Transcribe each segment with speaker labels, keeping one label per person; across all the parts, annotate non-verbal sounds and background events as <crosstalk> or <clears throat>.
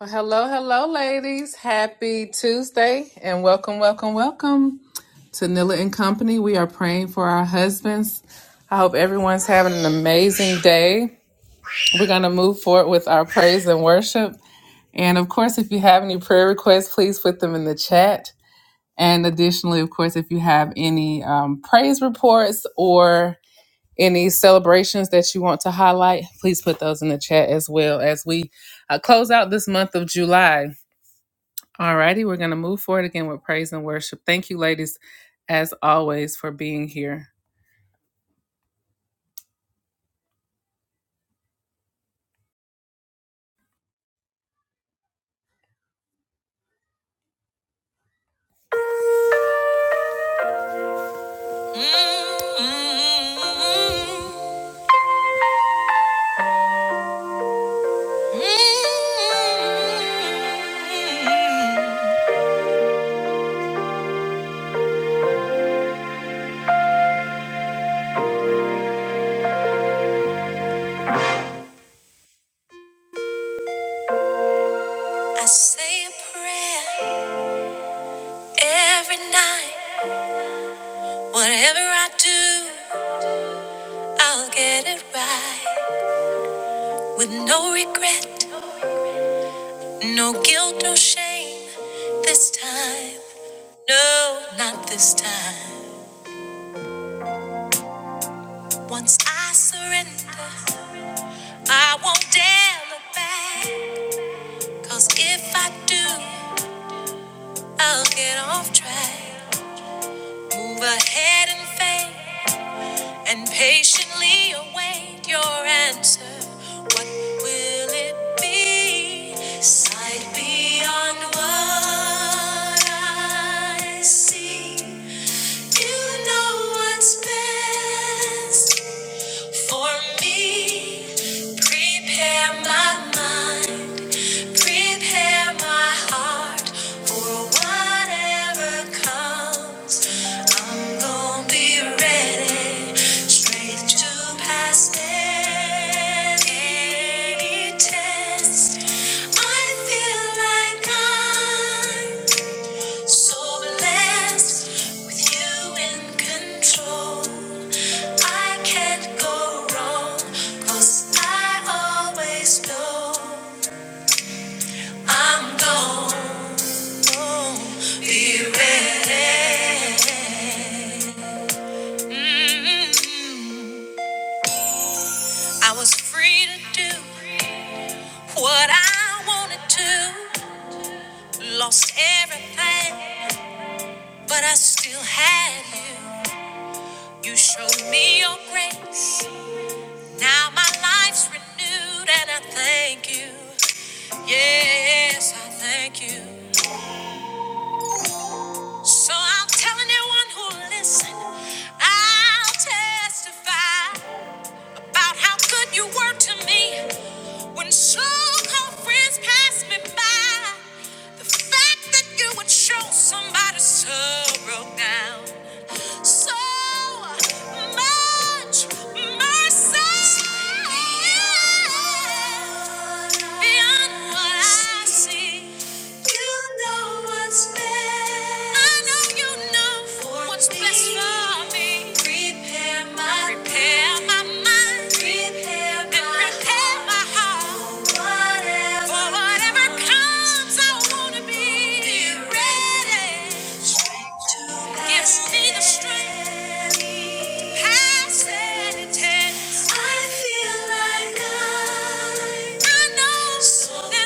Speaker 1: Well, hello, hello, ladies. Happy Tuesday and welcome, welcome, welcome to Nilla and Company. We are praying for our husbands. I hope everyone's having an amazing day. We're going to move forward with our praise and worship. And of course, if you have any prayer requests, please put them in the chat. And additionally, of course, if you have any um, praise reports or any celebrations that you want to highlight, please put those in the chat as well as we uh, close out this month of July. All righty, we're going to move forward again with praise and worship. Thank you, ladies, as always, for being here. I say a prayer every night. Whatever I do, I'll get it right. With no regret, no guilt, no shame. This time, no, not this time. Once I surrender. I won't dare look back, cause if I do, I'll get off track. Move ahead in faith and patiently await your answer. What will it be? Sight beyond what I see. You know what's best. For me, prepare my mind, prepare my heart for whatever comes. I'm gonna be ready, straight to past any chance I feel like I'm so blessed with you in control. I can't go wrong, 'cause I always know I'm gonna be ready. Mm, I was free to do what I wanted to. Lost everything, but I still had you. You showed me your grace. Now my life's renewed, and I thank you. Yes, I thank you. So I'll tell anyone who'll listen. I'll testify. about how good you were to me when so called friends passed me by. The fact that you would show somebody so broke down so much mercy beyond what I see. You know what's best. I know you know what's best for me. Prepare my mind. Prepare my heart. For whatever comes, I wanna be ready. Strength me the strength I feel like I know So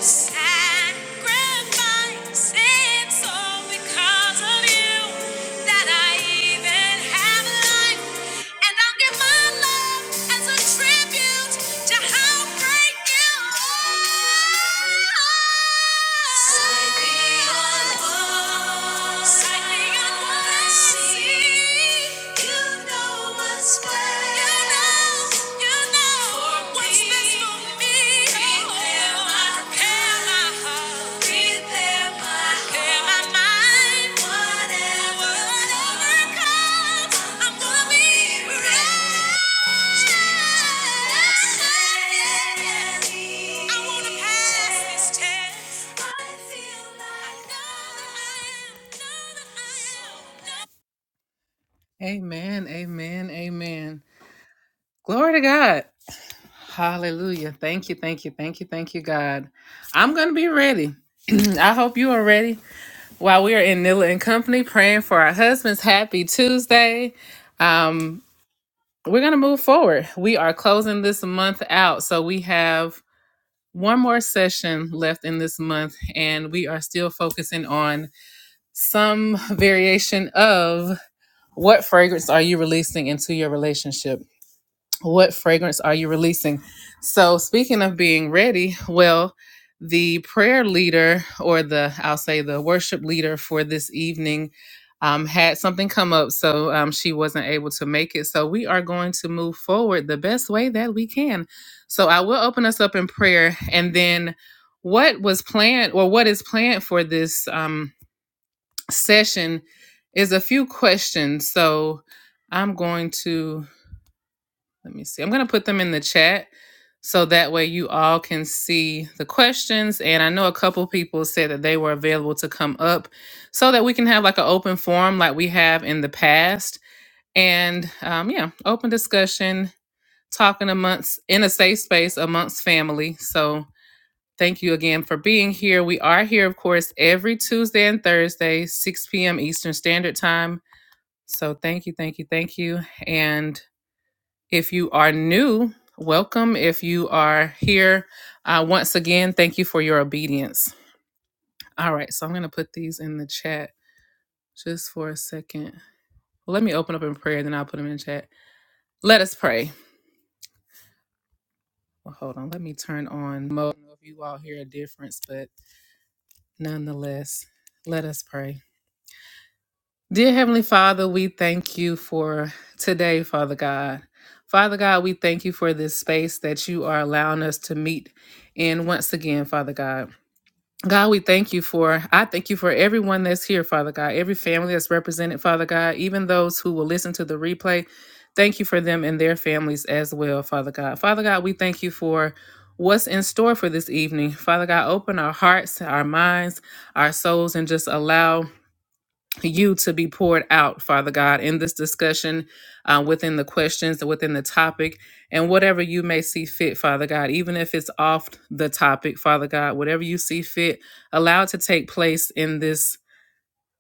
Speaker 1: Sacrifice. You know what's well. You know, you know like Amen, amen, amen. Glory to God. Hallelujah. Thank you, thank you, thank you, thank you, God. I'm going to be ready. <clears throat> I hope you are ready while we are in Nilla and Company praying for our husbands. Happy Tuesday. Um, we're going to move forward. We are closing this month out. So we have one more session left in this month, and we are still focusing on some variation of what fragrance are you releasing into your relationship? what fragrance are you releasing? So, speaking of being ready, well, the prayer leader, or the I'll say the worship leader for this evening, um, had something come up, so um, she wasn't able to make it. So, we are going to move forward the best way that we can. So, I will open us up in prayer, and then what was planned, or what is planned for this um, session, is a few questions. So, I'm going to. Let me see. I'm going to put them in the chat so that way you all can see the questions. And I know a couple people said that they were available to come up so that we can have like an open forum like we have in the past. And um, yeah, open discussion, talking amongst in a safe space amongst family. So thank you again for being here. We are here, of course, every Tuesday and Thursday, 6 p.m. Eastern Standard Time. So thank you, thank you, thank you. and. If you are new, welcome. If you are here, uh, once again, thank you for your obedience. All right, so I'm going to put these in the chat just for a second. Well, let me open up in prayer, then I'll put them in the chat. Let us pray. Well, hold on. Let me turn on mode. I don't know if you all hear a difference, but nonetheless, let us pray. Dear Heavenly Father, we thank you for today, Father God. Father God, we thank you for this space that you are allowing us to meet in once again, Father God. God, we thank you for, I thank you for everyone that's here, Father God, every family that's represented, Father God, even those who will listen to the replay. Thank you for them and their families as well, Father God. Father God, we thank you for what's in store for this evening. Father God, open our hearts, our minds, our souls, and just allow you to be poured out, Father God, in this discussion, uh, within the questions, within the topic, and whatever you may see fit, Father God, even if it's off the topic, Father God, whatever you see fit, allow it to take place in this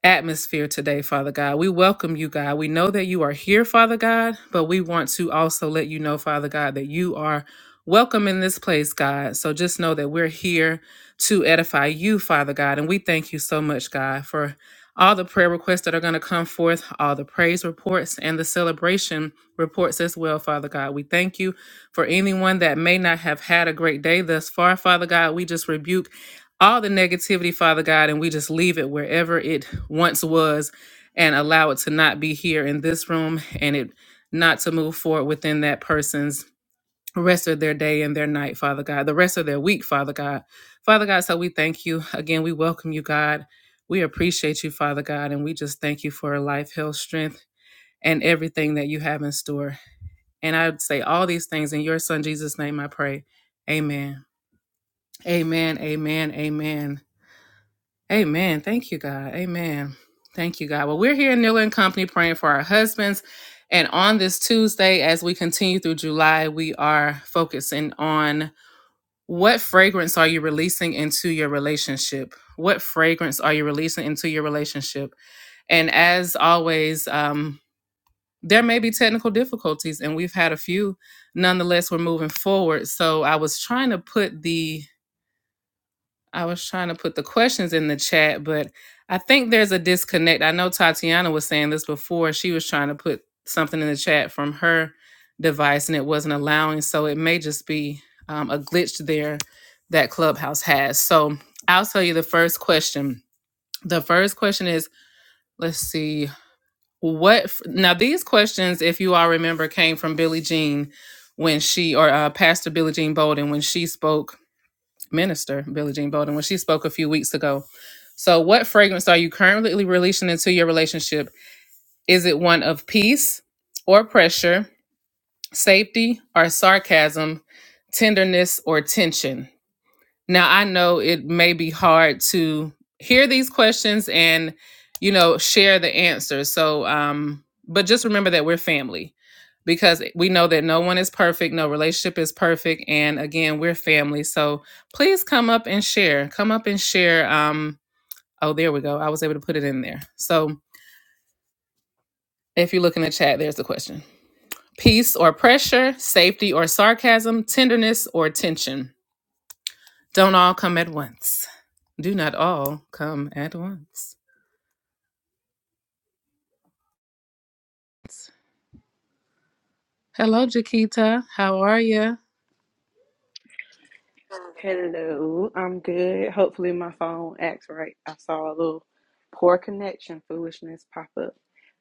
Speaker 1: atmosphere today, Father God. We welcome you, God. We know that you are here, Father God, but we want to also let you know, Father God, that you are welcome in this place, God. So just know that we're here to edify you, Father God. And we thank you so much, God, for all the prayer requests that are going to come forth, all the praise reports, and the celebration reports as well, Father God. We thank you for anyone that may not have had a great day thus far, Father God. We just rebuke all the negativity, Father God, and we just leave it wherever it once was and allow it to not be here in this room and it not to move forward within that person's rest of their day and their night, Father God, the rest of their week, Father God. Father God, so we thank you. Again, we welcome you, God. We appreciate you, Father God, and we just thank you for life, health, strength, and everything that you have in store. And I would say all these things in your son Jesus' name I pray. Amen. Amen. Amen. Amen. Amen. Thank you, God. Amen. Thank you, God. Well, we're here in Nilla and Company praying for our husbands. And on this Tuesday, as we continue through July, we are focusing on what fragrance are you releasing into your relationship? What fragrance are you releasing into your relationship? And as always, um, there may be technical difficulties, and we've had a few. Nonetheless, we're moving forward. So I was trying to put the I was trying to put the questions in the chat, but I think there's a disconnect. I know Tatiana was saying this before. She was trying to put something in the chat from her device and it wasn't allowing. So it may just be um, a glitch there that Clubhouse has. So I'll tell you the first question. The first question is let's see what f- now these questions if you all remember came from billie jean when she or uh, pastor billie jean bolden when she spoke minister, Billie Jean Bolden, when she spoke a few weeks ago. So, what fragrance are you currently releasing into your relationship? Is it one of peace or pressure, safety or sarcasm, tenderness or tension? Now, I know it may be hard to hear these questions and, you know, share the answers. So, um, but just remember that we're family because we know that no one is perfect, no relationship is perfect. And again, we're family. So please come up and share. Come up and share. Um, oh, there we go. I was able to put it in there. So if you look in the chat, there's the question peace or pressure, safety or sarcasm, tenderness or tension. Don't all come at once. Do not all come at once. Hello, Jaquita. How are you?
Speaker 2: Hello, I'm good. Hopefully, my phone acts right. I saw a little poor connection foolishness pop up,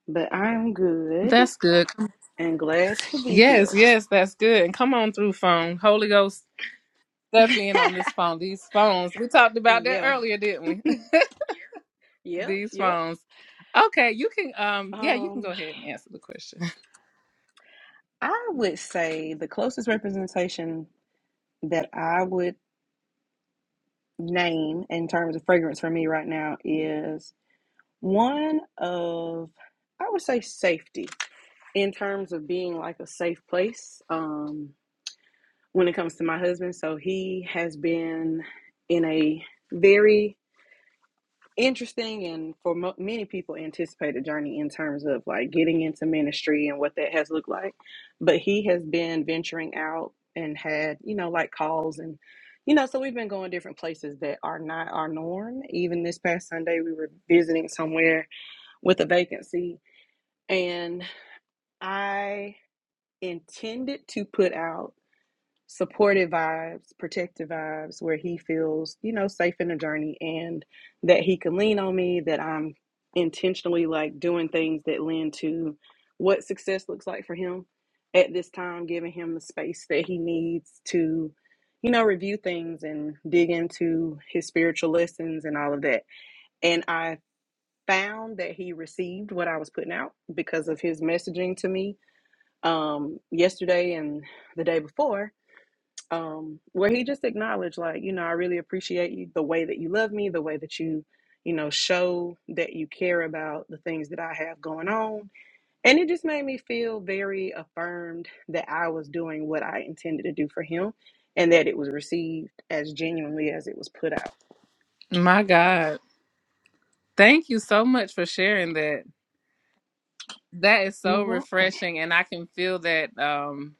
Speaker 2: but I'm good
Speaker 1: That's good.
Speaker 2: and glad to be
Speaker 1: Yes,
Speaker 2: here.
Speaker 1: yes, that's good. And come on through, phone. Holy Ghost, step in on
Speaker 2: <laughs>
Speaker 1: this phone. These phones. We talked about that
Speaker 2: yeah,
Speaker 1: earlier, didn't we? <laughs>
Speaker 2: yep,
Speaker 1: These
Speaker 2: yep.
Speaker 1: phones. Okay, you can. Um, yeah, you can
Speaker 2: Um,
Speaker 1: go ahead and answer the question. <laughs>
Speaker 2: I would say the closest representation that I would name in terms of fragrance for me right now is one of I would say safety in terms of being like a safe place. Um, when it comes to my husband. So he has been in a very interesting and for mo- many people anticipated journey in terms of like getting into ministry and what that has looked like. But he has been venturing out and had, you know, like calls and you know, so we've been going different places that are not our norm. Even this past Sunday we were visiting somewhere with a vacancy and I intended to put out supportive vibes, protective vibes, where he feels, you know, safe in the journey and that he can lean on me, that I'm intentionally like doing things that lend to what success looks like for him at this time, giving him the space that he needs to, you know, review things and dig into his spiritual lessons and all of that. And I found that he received what I was putting out because of his messaging to me um yesterday and the day before um, where he just acknowledged, like, you know, I really appreciate you, the way that you love me, the way that you, you know, show that you care about the things that I have going on. And it just made me feel very affirmed that I was doing what I intended to do for him and that it was received as genuinely as it was put out.
Speaker 1: My God, thank you so much for sharing that. That is
Speaker 2: You're
Speaker 1: so
Speaker 2: welcome.
Speaker 1: refreshing, and I can feel that um,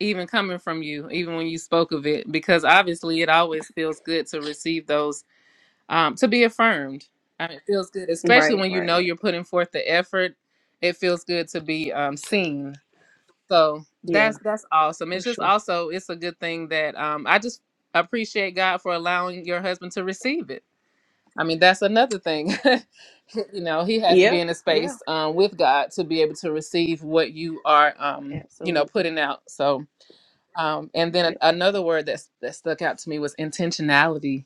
Speaker 1: even coming from you, even when you spoke of it, because obviously it always feels good to receive those, um, to be affirmed. I mean, it feels good, especially
Speaker 2: Right,
Speaker 1: when you
Speaker 2: right,
Speaker 1: know
Speaker 2: right.
Speaker 1: you're putting forth the effort. It feels good to be um, seen. So
Speaker 2: Yeah,
Speaker 1: that's that's awesome.
Speaker 2: for
Speaker 1: It's just
Speaker 2: sure.
Speaker 1: also it's a good thing that um, I just appreciate God for allowing your husband to receive it. I mean, that's another thing <laughs> you know he has to be
Speaker 2: Yeah,
Speaker 1: in a
Speaker 2: yeah,
Speaker 1: space um, with god to be able to receive what you are um, you know
Speaker 2: absolutely.
Speaker 1: putting out so um, and then an-
Speaker 2: Yep.
Speaker 1: another word that's that stuck out to me was intentionality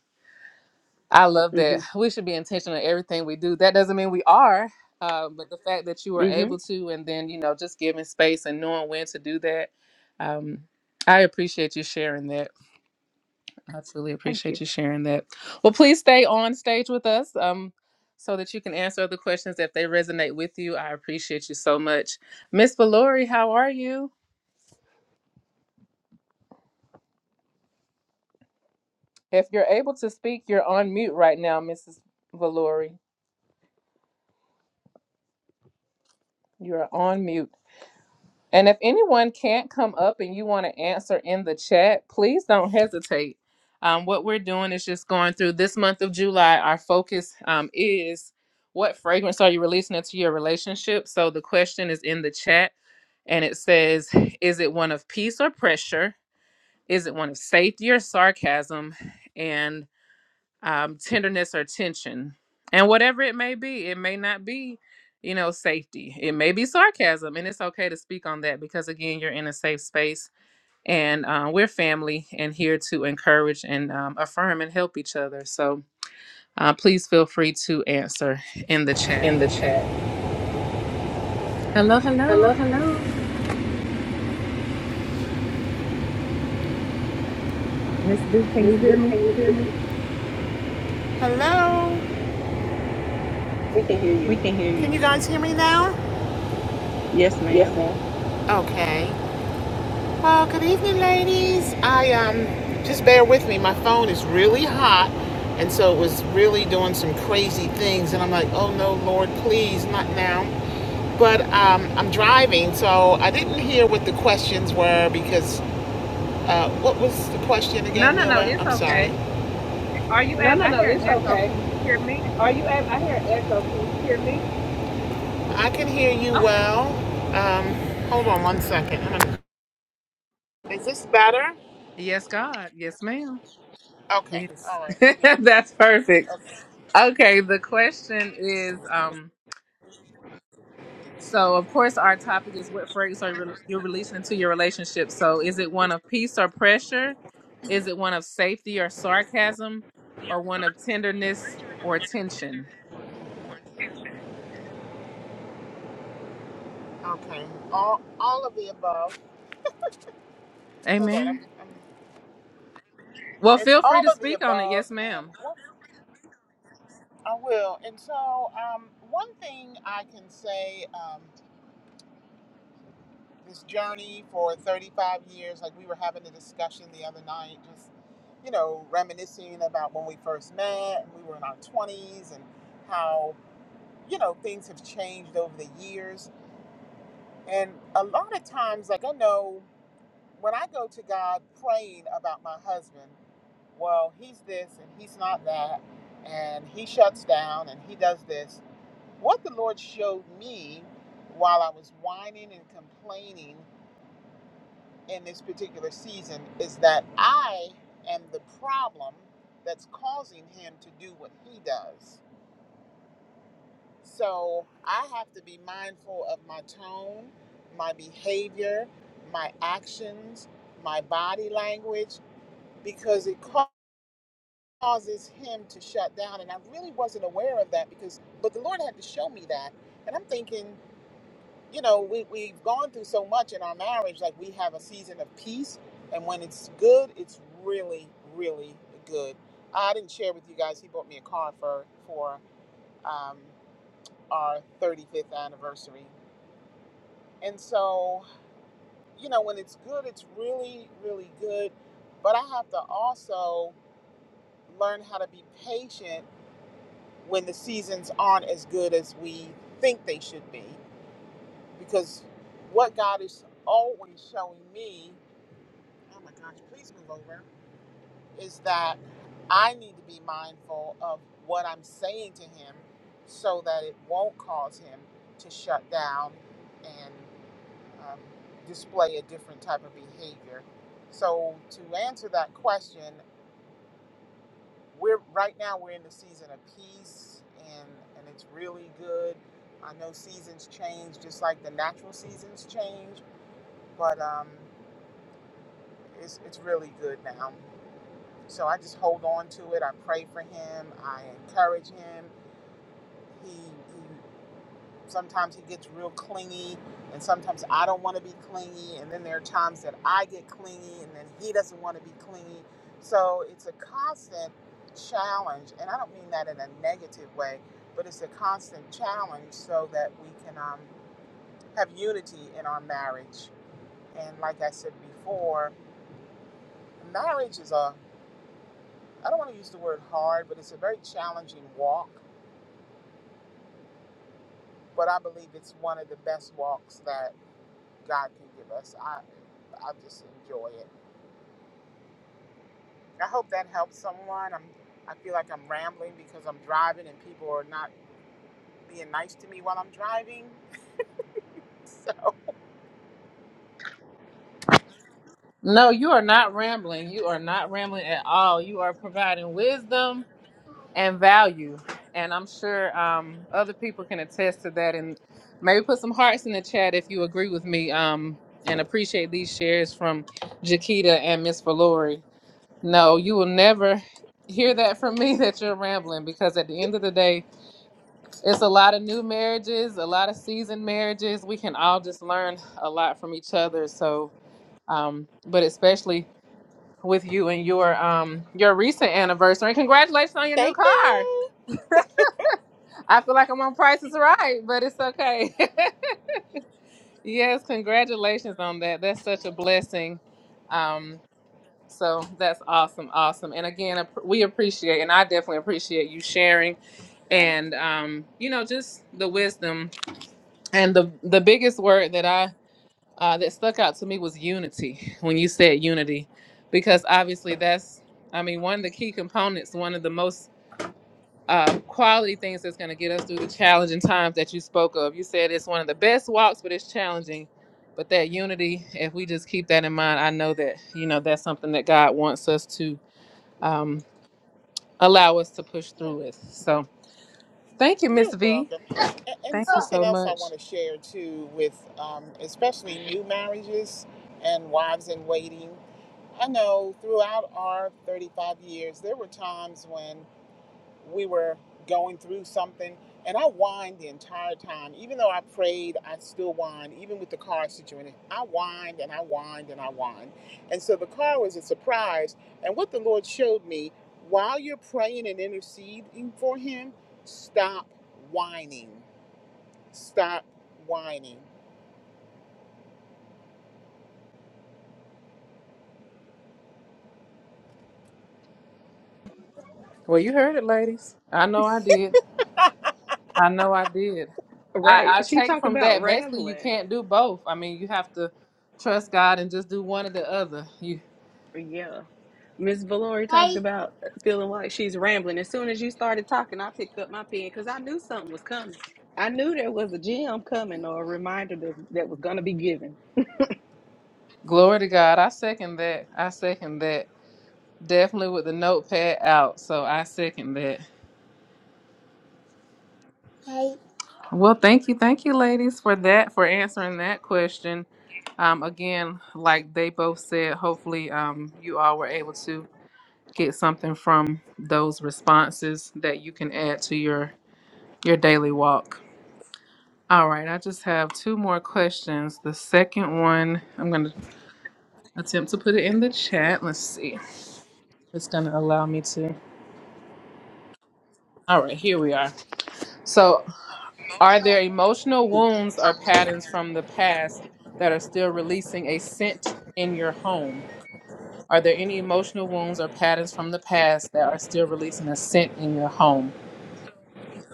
Speaker 1: i love
Speaker 2: Mm
Speaker 1: that
Speaker 2: hmm.
Speaker 1: we should be intentional in everything we do that doesn't mean we are uh, but the fact that you were
Speaker 2: Mm hmm.
Speaker 1: able to and then you know just giving space and knowing when to do that um, i appreciate you sharing that Absolutely
Speaker 2: Thank
Speaker 1: appreciate
Speaker 2: you.
Speaker 1: you sharing that. Well, please stay on stage with us um, so that you can answer other questions if they resonate with you. I appreciate you so much. Miss Valori, how are you? If you're able to speak, you're on mute right now, Mrs. Valori. You're on mute. And if anyone can't come up and you want to answer in the chat, please don't hesitate. Um, what we're doing is just going through this month of July. Our focus um, is what fragrance are you releasing into your relationship? So the question is in the chat and it says, is it one of peace or pressure? Is it one of safety or sarcasm? And um, tenderness or tension. And whatever it may be, it may not be, you know, safety. It may be sarcasm. And it's okay to speak on that because, again, you're in a safe space and uh, we're family and here to encourage and um, affirm and help each other. So uh, please feel free to answer in the chat. Hello,
Speaker 3: Hello,
Speaker 1: hello,
Speaker 3: hello.
Speaker 1: Miss Vicky.
Speaker 3: Miss Vick, can you hear me? We can hear you.
Speaker 2: We can hear you now. Yes,
Speaker 3: Yes,
Speaker 2: ma'am.
Speaker 3: ma'am.
Speaker 1: No, no, no. It's okay. Are you
Speaker 3: No,
Speaker 1: able?
Speaker 3: no,
Speaker 1: I
Speaker 3: no,
Speaker 1: hear
Speaker 3: it's
Speaker 1: an echo.
Speaker 3: okay.
Speaker 1: Can you hear me?
Speaker 3: Are you, at? I hear an echo. Can you hear me?
Speaker 1: Okay. Yes, God. Yes, ma'am. Yes. <laughs> That's perfect. Okay, the question is um so of course our topic is what fragrance are you re- you're releasing into your relationship. So is it one of peace or pressure? Is it one of safety or sarcasm or one of tenderness or tension? Amen. Well, feel free to speak on it. Yes, ma'am. No, you are not rambling. You are not rambling at all. You are providing wisdom and value. And I'm sure um, other people can attest to that. And maybe put some hearts in the chat if you agree with me um, and appreciate these shares from Jaquita and Miss Valori. No, you will never hear that from me <laughs> that you're rambling because at the end of the day, it's a lot of new marriages, a lot of seasoned marriages. We can all just learn a lot from each other. So, um, but especially with you and your um your recent anniversary. Congratulations on your new car. <laughs> I feel like I'm on Price is Right, but it's okay. <laughs> yes, congratulations on that. That's such a blessing. Um, so that's awesome, awesome. And again, ap- we appreciate, and I definitely appreciate you sharing, and um, you know, just the wisdom. And the the biggest word that I uh, that stuck out to me was unity. When you said unity, because obviously that's, I mean, one of the key components, one of the most um, quality things that's going to get us through the challenging times that you spoke of. You said it's one of the best walks, but it's challenging. But that unity, if we just keep that in mind, I know that you know that's something that God wants us to um, allow us to push through with. So thank you, Miss V. Thank you so much. Well, you heard it, ladies. I know I did. I know I did.
Speaker 2: Right.
Speaker 1: I, I
Speaker 2: She
Speaker 1: take
Speaker 2: talked
Speaker 1: from
Speaker 2: about
Speaker 1: that basically you
Speaker 2: rambling.
Speaker 1: can't do both. I mean, you have to trust God and just do one or the other. You
Speaker 2: Yeah. Miss Valori talked about feeling like she's rambling. As soon as you started talking, I picked up my pen because I knew something was coming. I knew there was a gem coming or a reminder that, that was going to be given. <laughs>
Speaker 1: Glory to God. I second that. I second that. Definitely with the notepad out. So I second that. Well, thank you. Thank you, ladies, for that, for answering that question. Um, again, like they both said, hopefully um, you all were able to get something from those responses that you can add to your your daily walk. All right, I just have two more questions. The second one, I'm going to attempt to put it in the chat. Let's see. It's going to allow me to. All right, here we are. So, are there emotional wounds or patterns from the past that are still releasing a scent in your home? Are there any emotional wounds or patterns from the past that are still releasing a scent in your home?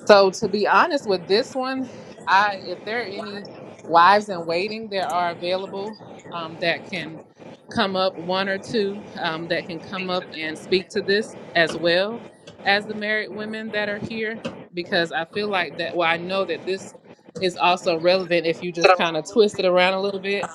Speaker 1: So to be honest with this one, I if there are any wives in waiting that are available um, that can come up, one or two um, that can come up and speak to this as well as the married women that are here, because I feel like that. Well, I know that this is also relevant if you just kind of twist it around a little bit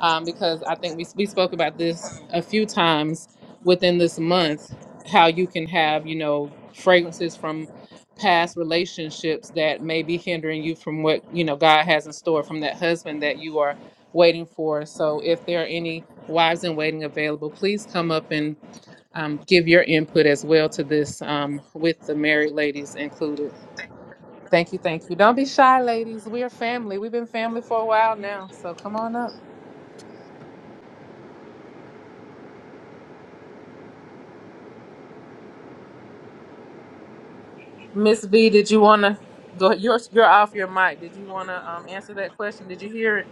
Speaker 1: um, because I think we we spoke about this a few times within this month. How you can have you know fragrances from past relationships that may be hindering you from what you know God has in store from that husband that you are waiting for. So if there are any wives in waiting available, please come up and um, give your input as well to this um, with the married ladies included. Thank you, thank you. Don't be shy, ladies. We're family. We've been family for a while now, so come on up. Miss B, did you want to go? You're you're off your mic. Did you want to um answer that question? Did you hear it?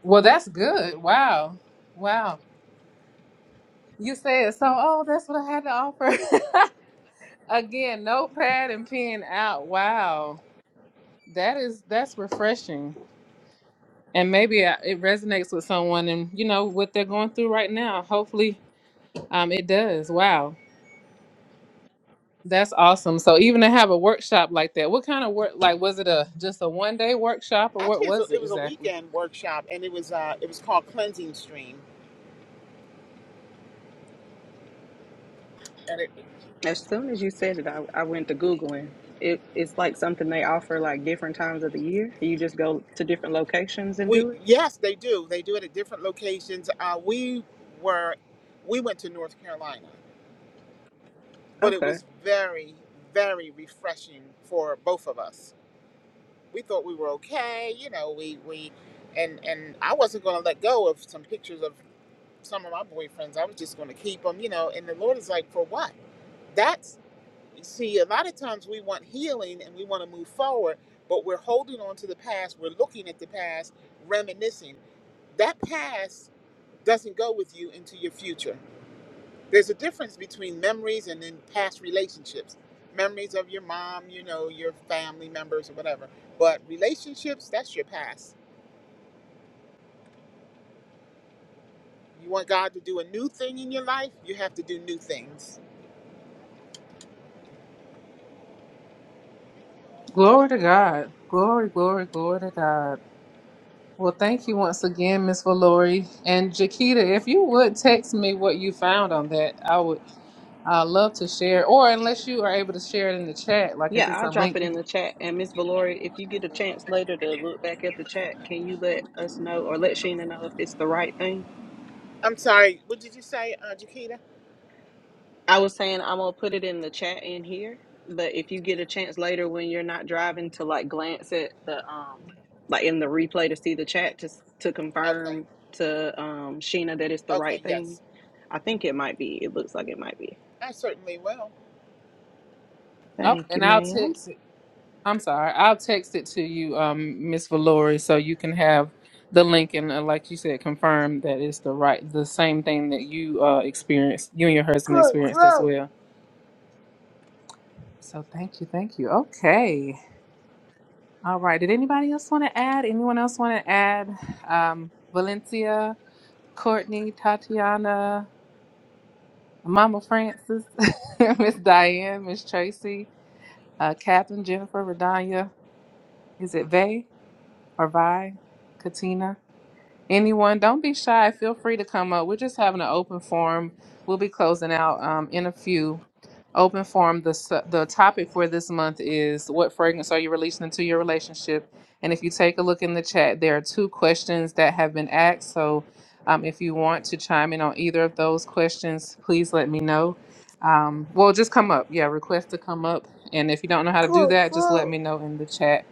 Speaker 1: Well, that's good. Wow, wow. You said so. Oh, that's what I had to offer. <laughs> Again, notepad and pen out. Wow, that is that's refreshing, and maybe I- it resonates with someone, and you know what they're going through right now. Hopefully, um, it does. Wow. That's awesome. So even to have a workshop like that, what kind of work? Like, was it a just a one day workshop, or what was it exactly?
Speaker 2: As soon as you said it, I, I went to Googling. It, it's like something they offer like different times of the year. You just go to different locations and do it. Okay.
Speaker 1: Glory to God. Glory, glory, glory to God. Well, thank you once again, Miss Valori. And Jakita, if you would text me what you found on that, I would uh, love to share. Or unless you are able to share it in the chat, like if
Speaker 2: Yeah,
Speaker 1: it's
Speaker 2: I'll
Speaker 1: a
Speaker 2: drop
Speaker 1: link
Speaker 2: it
Speaker 1: you
Speaker 2: in
Speaker 1: can.
Speaker 2: the chat. And Miss Valori, if you get a chance later to look back at the chat, can you let us know or let Sheena know if it's the right thing? I was saying I'm gonna put it in the chat in here, but if you get a chance later when you're not driving to like glance at the um like in the replay to see the chat to s- to confirm to um Sheena that it's the right thing. I think it might be. It looks like it might be.
Speaker 1: Okay,
Speaker 2: Thank you,
Speaker 1: and I'll
Speaker 2: ma'am.
Speaker 1: text it. I'm sorry. I'll text it to you, um, Miss Valori, so you can have the link and, uh, like you said, confirm that it's the right, the same thing that you uh, experienced, you and your husband Cool, experienced as cool. well. So thank you, thank you. Okay. All right. Did anybody else want to add? Anyone else want to add? Um, Valencia, Courtney, Tatiana, Mama Francis, <laughs> Miss Diane, Miss Tracy, uh, Catherine, Jennifer, Radanya. Is it Vay or Vi? Katina? Anyone, don't be shy. Feel free to come up. We're just having an open forum. We'll be closing out um, in a few. Open forum. The su- the topic for this month is what fragrance are you releasing into your relationship? And if you take a look in the chat, there are two questions that have been asked. So, um, if you want to chime in on either of those questions, please let me know. Um, well, just come up. Yeah, request to come up. And if you don't know how to do Cool, that, just let cool. me know in the chat.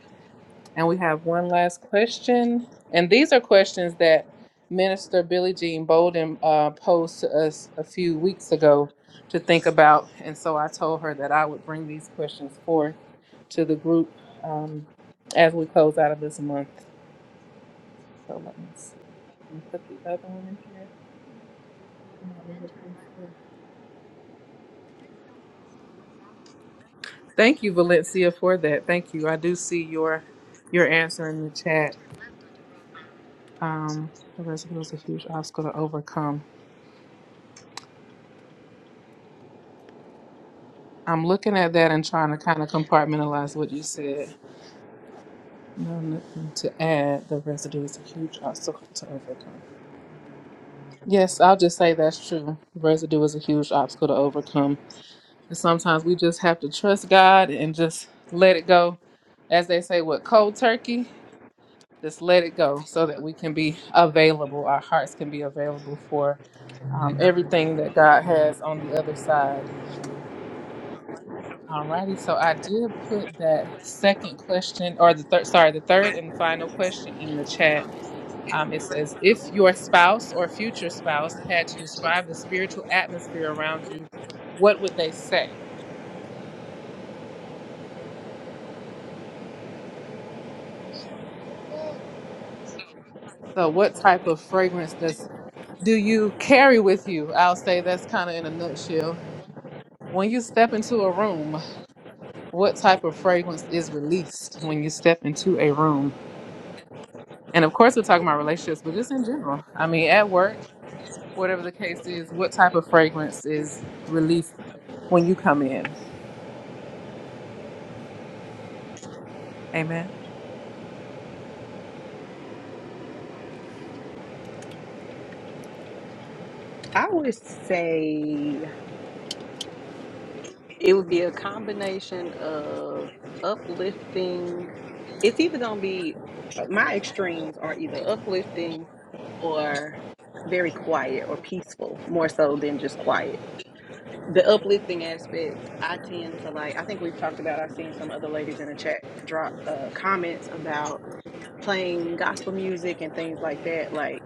Speaker 1: And we have one last question. And these are questions that Minister Billie Jean Bolden uh, posed to us a few weeks ago to think about. And so I told her that I would bring these questions forth to the group um, as we close out of this month. So let me see. Let me put the other one in here. No, let me put this here. Thank you, Valencia, for that. Thank you. I do see your your answer in the chat. Um, the residue is a huge obstacle to overcome. I'm looking at that and trying to kind of compartmentalize what you said. No, nothing to add. The residue is a huge obstacle to overcome. Yes, I'll just say that's true. Residue is a huge obstacle to overcome. And sometimes we just have to trust God and just let it go. As they say, with cold turkey, just let it go so that we can be available. Our hearts can be available for um, everything that God has on the other side. Alrighty, so I did put that second question, or the third, sorry, the third and final question in the chat. Um, it says, if your spouse or future spouse had to describe the spiritual atmosphere around you, what would they say? So, what type of fragrance does do you carry with you? I'll say that's kind of in a nutshell. When you step into a room, what type of fragrance is released when you step into a room? And of course, we're talking about relationships, but just in general. I mean, at work. whatever the case is, what type of fragrance is released when you come in. Amen.
Speaker 2: I would say It would be a combination of uplifting. It's either going to be uh, my extremes are either uplifting or very quiet or peaceful, more so than just quiet. The uplifting aspect, I tend to like, I think we've talked about, I've seen some other ladies in the chat drop uh, comments about playing gospel music and things like that. Like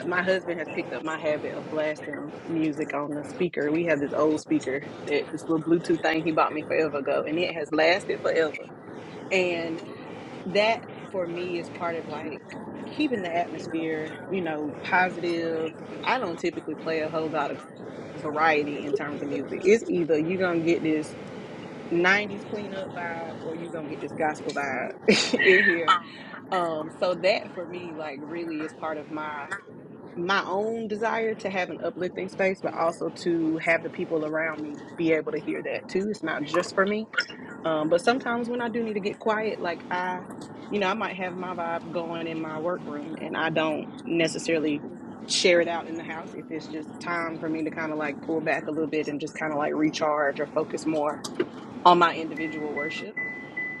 Speaker 2: uh, my husband has picked up my habit of blasting music on the speaker. We have this old speaker that this little Bluetooth thing he bought me forever ago, and it has lasted forever. And that for me is part of like keeping the atmosphere, you know, positive. I don't typically play a whole lot of variety in terms of music. It's either you're gonna get this 90s cleanup vibe or you're gonna get this gospel vibe <laughs> in here um, so that for me, like, really is part of my my own desire to have an uplifting space, but also to have the people around me be able to hear that too. It's not just for me. Um, but sometimes when I do need to get quiet, like I, you know, I might have my vibes going in my workroom, and I don't necessarily share it out in the house if it's just time for me to kind of like pull back a little bit and just kind of like recharge or focus more on my individual worship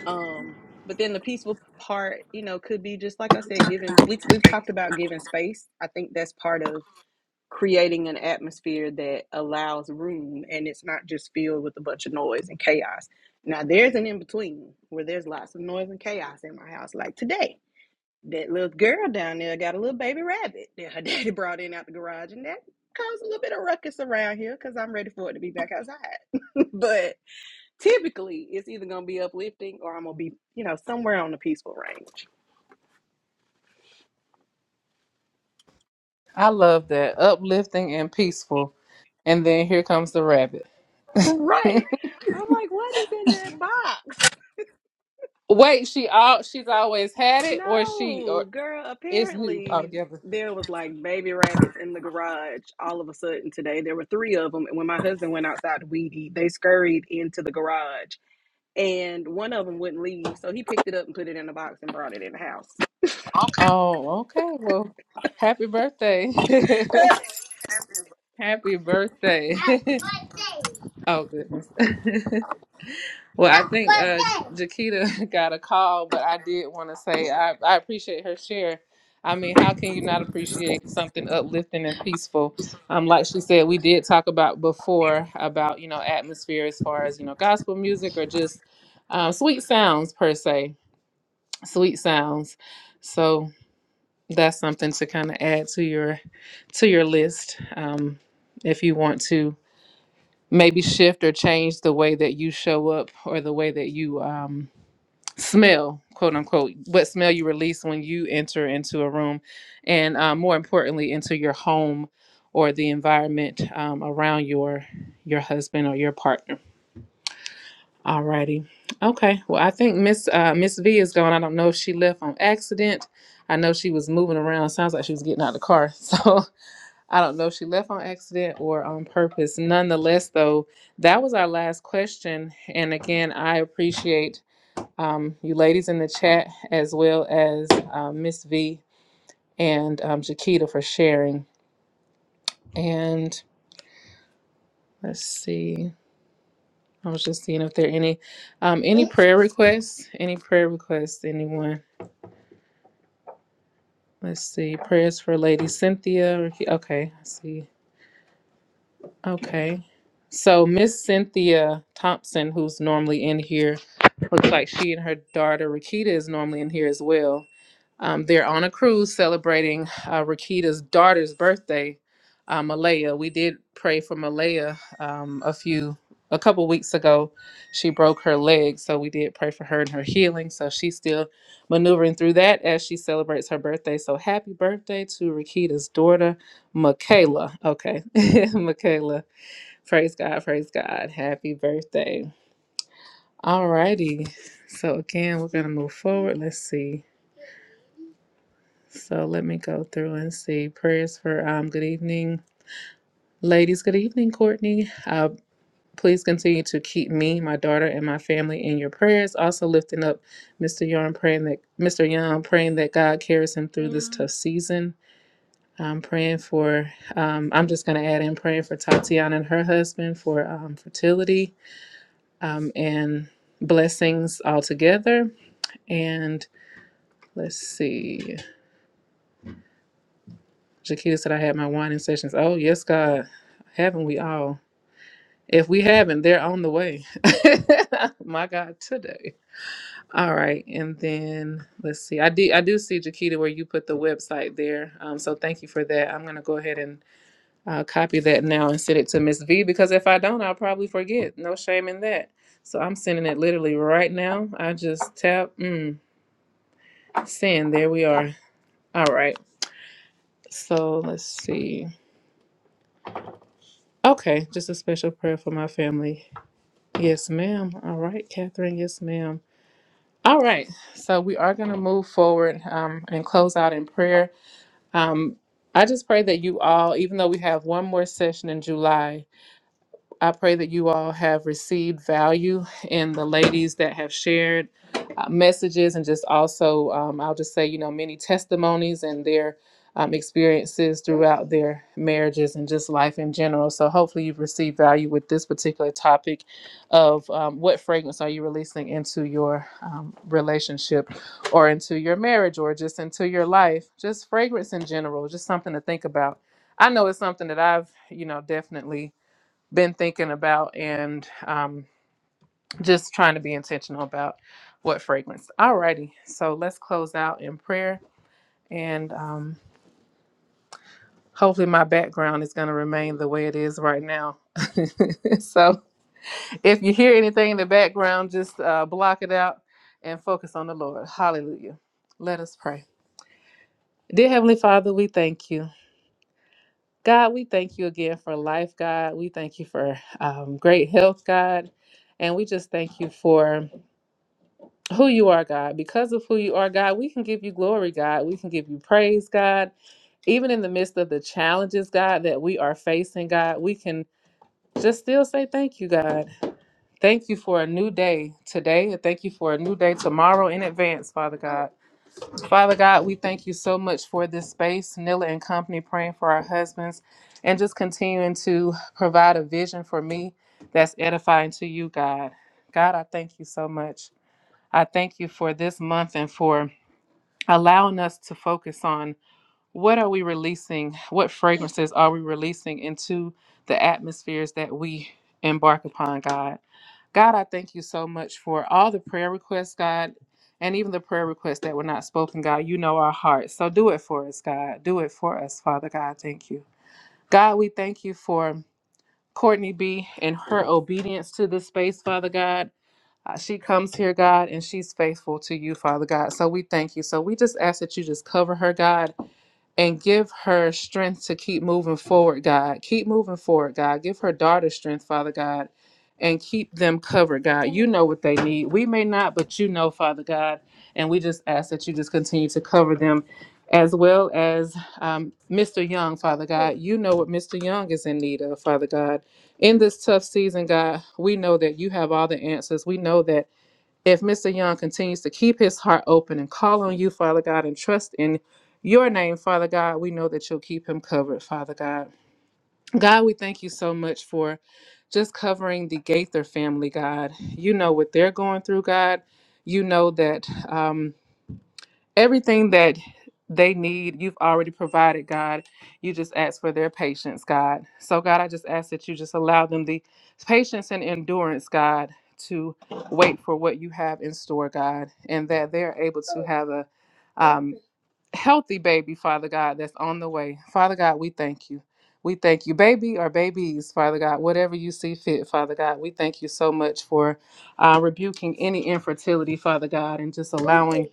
Speaker 2: um, but then the peaceful part, you know, could be just like I said, giving. We we've talked about giving space. I think that's part of creating an atmosphere that allows room, and it's not just filled with a bunch of noise and chaos. Now there's an in between where there's lots of noise and chaos in my house, like today. That little girl down there got a little baby rabbit that her <laughs> daddy brought in out the garage, and that caused a little bit of ruckus around here because I'm ready for it to be back outside. <laughs> but typically it's either gonna be uplifting or I'm gonna be, you know, somewhere on the peaceful range.
Speaker 1: I love that. Uplifting and peaceful. And then here comes the rabbit.
Speaker 2: <laughs>
Speaker 1: <laughs>
Speaker 2: right. I'm like, what is in that box? <laughs>
Speaker 1: Wait, she all she's always had it or she or
Speaker 2: No, girl,
Speaker 1: it's new
Speaker 2: apparently
Speaker 1: altogether.
Speaker 2: there was like baby rabbits in the garage all of a sudden today. There were three of them. And when my husband went outside to weed eat, they scurried into the garage and one of them wouldn't leave. So he picked it up and put it in the box and brought it in the house.
Speaker 1: Oh, okay. Well, happy birthday.
Speaker 2: <laughs>
Speaker 1: <laughs> happy birthday. Happy <laughs> birthday. oh goodness. <laughs> Well, I think uh, Jakita <laughs> got a call, but I did want to say I, I appreciate her share. I mean, how can you not appreciate something uplifting and peaceful? Um, like she said, we did talk about before about you know atmosphere as far as you know gospel music or just uh, sweet sounds per se, sweet sounds. So that's something to kind of add to your to your list um, if you want to maybe shift or change the way that you show up or the way that you um, smell quote unquote what smell you release when you enter into a room and uh, more importantly into your home or the environment um, around your your husband or your partner alrighty okay well i think miss uh, miss v is gone i don't know if she left on accident i know she was moving around sounds like she was getting out of the car <laughs> so i don't know if she left on accident or on purpose nonetheless though that was our last question and again i appreciate um, you ladies in the chat, as well as um, Miss V and um, Jaquita for sharing. And let's see, I was just seeing if there are any um, any prayer requests. Any prayer requests? Anyone? Let's see. Prayers for Lady Cynthia. Okay, I see Okay. So Miss Cynthia Thompson, who's normally in here, looks like she and her daughter Rakita is normally in here as well. Um, they're on a cruise celebrating uh, Rakita's daughter's birthday, uh, Malaya. We did pray for Malaya um, a few, a couple weeks ago. She broke her leg, so we did pray for her and her healing. So she's still maneuvering through that as she celebrates her birthday. So happy birthday to Rakita's daughter Michaela. Okay. <laughs> Michaela. Praise God. Praise God. Happy birthday. Alrighty. So again, we're gonna move forward. Let's see. So let me go through and see. Prayers for um good evening. Ladies, good evening, Courtney. Uh please continue to keep me, my daughter, and my family in your prayers. Also lifting up Mr. Young praying that Mr. Young praying that God carries him through this tough season. I'm praying for, um, I'm just going to add in praying for Tatiana and her husband for um, fertility um, and blessings altogether. And let's see, Jakita said, I had my wine sessions. Oh, yes, God, haven't we all? If we haven't, they're on the way. <laughs> my God, today. All right, and then let's see. I do, I do see Jakita where you put the website there. Um, so thank you for that. I'm gonna go ahead and I'll copy that now and send it to Miss V because if I don't, I'll probably forget. No shame in that. So I'm sending it literally right now. I just tap mm, send. There we are. All right. So let's see. Okay, just a special prayer for my family. Yes, ma'am. All right, Catherine. Yes, ma'am. All right. So we are going to move forward um, and close out in prayer. Um, I just pray that you all, even though we have one more session in July, I pray that you all have received value in the ladies that have shared uh, messages and just also, um, I'll just say, you know, many testimonies and their um, experiences throughout their marriages and just life in general. So hopefully you've received value with this particular topic of um, what fragrance are you releasing into your um, relationship or into your marriage or just into your life, just fragrance in general, just something to think about. I know it's something that I've, you know, definitely been thinking about and um, just trying to be intentional about what fragrance. Alrighty, so let's close out in prayer, and um, hopefully my background is going to remain the way it is right now. <laughs> so if you hear anything in the background, just uh, block it out and focus on the Lord. Hallelujah. Let us pray. Dear Heavenly Father, we thank you. God, we thank you again for life, God. We thank you for um, great health, God. And we just thank you for who you are, God. Because of who you are, God, we can give you glory, God. We can give you praise, God. Even in the midst of the challenges, God, that we are facing, God, we can just still say thank you, God. Thank you for a new day today. And thank you for a new day tomorrow in advance, Father God. Father God, we thank you so much for this space, Nilla and company praying for our husbands and just continuing to provide a vision for me that's edifying to you, God. God, I thank you so much. I thank you for this month and for allowing us to focus on what are we releasing what fragrances are we releasing into the atmospheres that we embark upon god god i thank you so much for all the prayer requests god and even the prayer requests that were not spoken god you know our hearts so do it for us god do it for us father god thank you god we thank you for courtney b and her obedience to this space father god uh, She comes here, God, and she's faithful to you, Father God. So we thank you. So we just ask that you just cover her, God, and give her strength to keep moving forward, God. Keep moving forward, God. Give her daughter strength, Father God, and keep them covered, God. You know what they need. We may not, but you know, Father God. And we just ask that you just continue to cover them as well as um, Mr. Young, Father God. You know what Mr. Young is in need of, Father God in this tough season, God, we know that you have all the answers. We know that if Mr. Young continues to keep his heart open and call on you, Father God, and trust in your name, Father God, we know that you'll keep him covered, Father God. God, we thank you so much for just covering the Gaither family, God. You know what they're going through, God. You know that. Um, everything that they need, you've already provided, God. You just ask for their patience, God. So, God, I just ask that you just allow them the patience and endurance, God, to wait for what you have in store, God, and that they're able to have a um, healthy baby, Father God, that's on the way. Father God, we thank you. We thank you, baby or babies, Father God, whatever you see fit, Father God. We thank you so much for uh, rebuking any infertility, Father God, and just allowing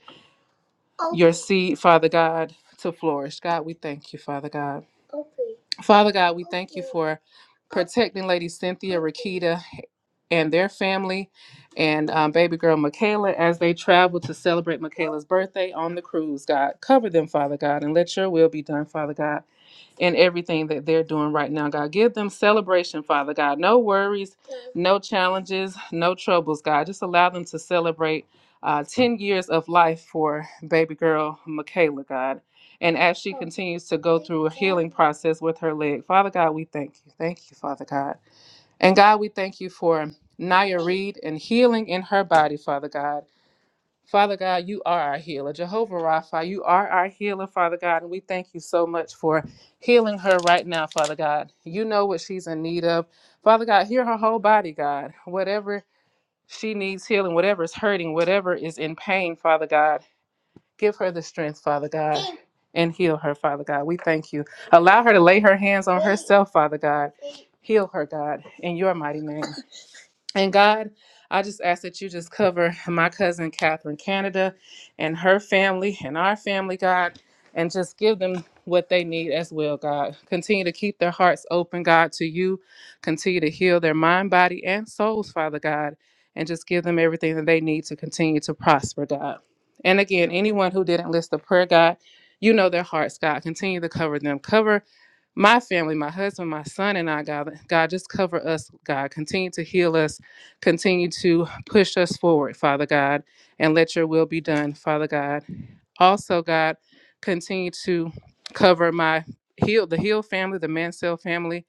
Speaker 1: your seed, Father God, to flourish. God, we thank you, Father God. Father God, we thank you for protecting Lady Cynthia, Rakita, and their family, and um, baby girl Michaela as they travel to celebrate Michaela's birthday on the cruise. God, cover them, Father God, and let your will be done, Father God in everything that they're doing right now, God. Give them celebration, Father God. No worries, no challenges, no troubles, God. Just allow them to celebrate uh, 10 years of life for baby girl Michaela, God. And as she continues to go through a healing process with her leg, Father God, we thank you. Thank you, Father God. And God, we thank you for Naya Reed and healing in her body, Father God. Father God, you are our healer. Jehovah Rapha, you are our healer, Father God, and we thank you so much for healing her right now, Father God. You know what she's in need of. Father God, heal her whole body, God. Whatever she needs healing, whatever is hurting, whatever is in pain, Father God, give her the strength, Father God, and heal her, Father God. We thank you. Allow her to lay her hands on herself, Father God. Heal her, God, in your mighty name. And God, I just ask that you just cover my cousin Catherine Canada and her family and our family, God, and just give them what they need as well, God. Continue to keep their hearts open, God, to you. Continue to heal their mind, body, and souls, Father God, and just give them everything that they need to continue to prosper, God. And again, anyone who didn't list the prayer, God, you know their hearts, God. Continue to cover them. Cover my family, my husband, my son, and I, God, God, just cover us, God. Continue to heal us. Continue to push us forward, Father God, and let your will be done, Father God. Also, God, continue to cover my heal the Hill family, the Mansell family.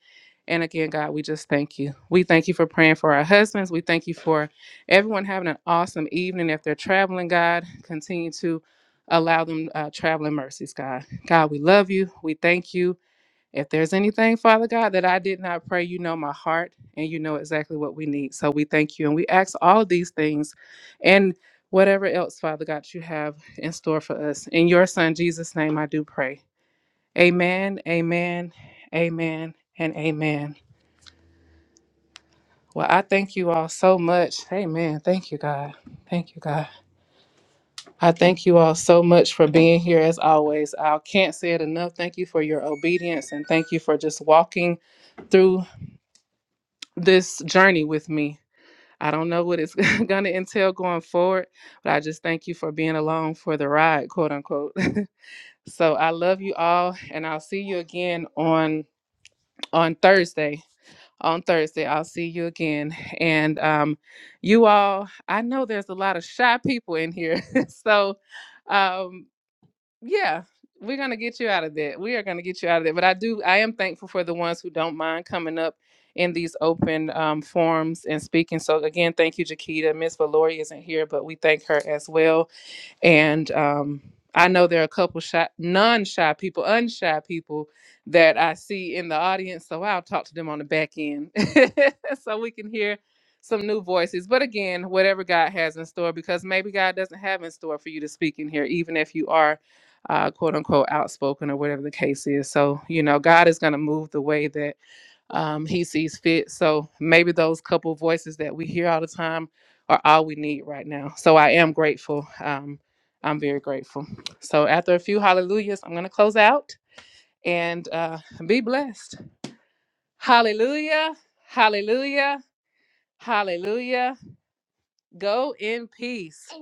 Speaker 1: And again, God, we just thank you. We thank you for praying for our husbands. We thank you for everyone having an awesome evening. If they're traveling, God, continue to allow them uh, traveling mercies, God. God, we love you. We thank you. If there's anything, Father God, that I did not pray, you know my heart and you know exactly what we need. So we thank you and we ask all of these things and whatever else, Father God, you have in store for us. In your Son, Jesus' name, I do pray. Amen, amen, amen, and amen. Well, I thank you all so much. Amen. Thank you, God. Thank you, God. I thank you all so much for being here as always. I can't say it enough. Thank you for your obedience and thank you for just walking through this journey with me. I don't know what it's <laughs> going to entail going forward, but I just thank you for being along for the ride, quote unquote. <laughs> so I love you all, and I'll see you again on on Thursday. On Thursday, I'll see you again, and um, you all. I know there's a lot of shy people in here, <laughs> so. Um, yeah, we're gonna get you out of that. We are gonna get you out of that. But I do, I am thankful for the ones who don't mind coming up in these open um, forums and speaking. So again, thank you, Jaquita. Miss Valori isn't here, but we thank her as well and um, I know there are a couple shy, non-shy people, unshy people that I see in the audience, so I'll talk to them on the back end, <laughs> so we can hear some new voices. But again, whatever God has in store, because maybe God doesn't have in store for you to speak in here, even if you are. Uh, quote unquote outspoken or whatever the case is so you know god is going to move the way that um, he sees fit. So maybe those couple voices that we hear all the time are all we need right now. So I am grateful. Um, I'm very grateful. So after a few hallelujahs, I'm going to close out and uh, be blessed. Hallelujah. Hallelujah. Hallelujah. Go in peace.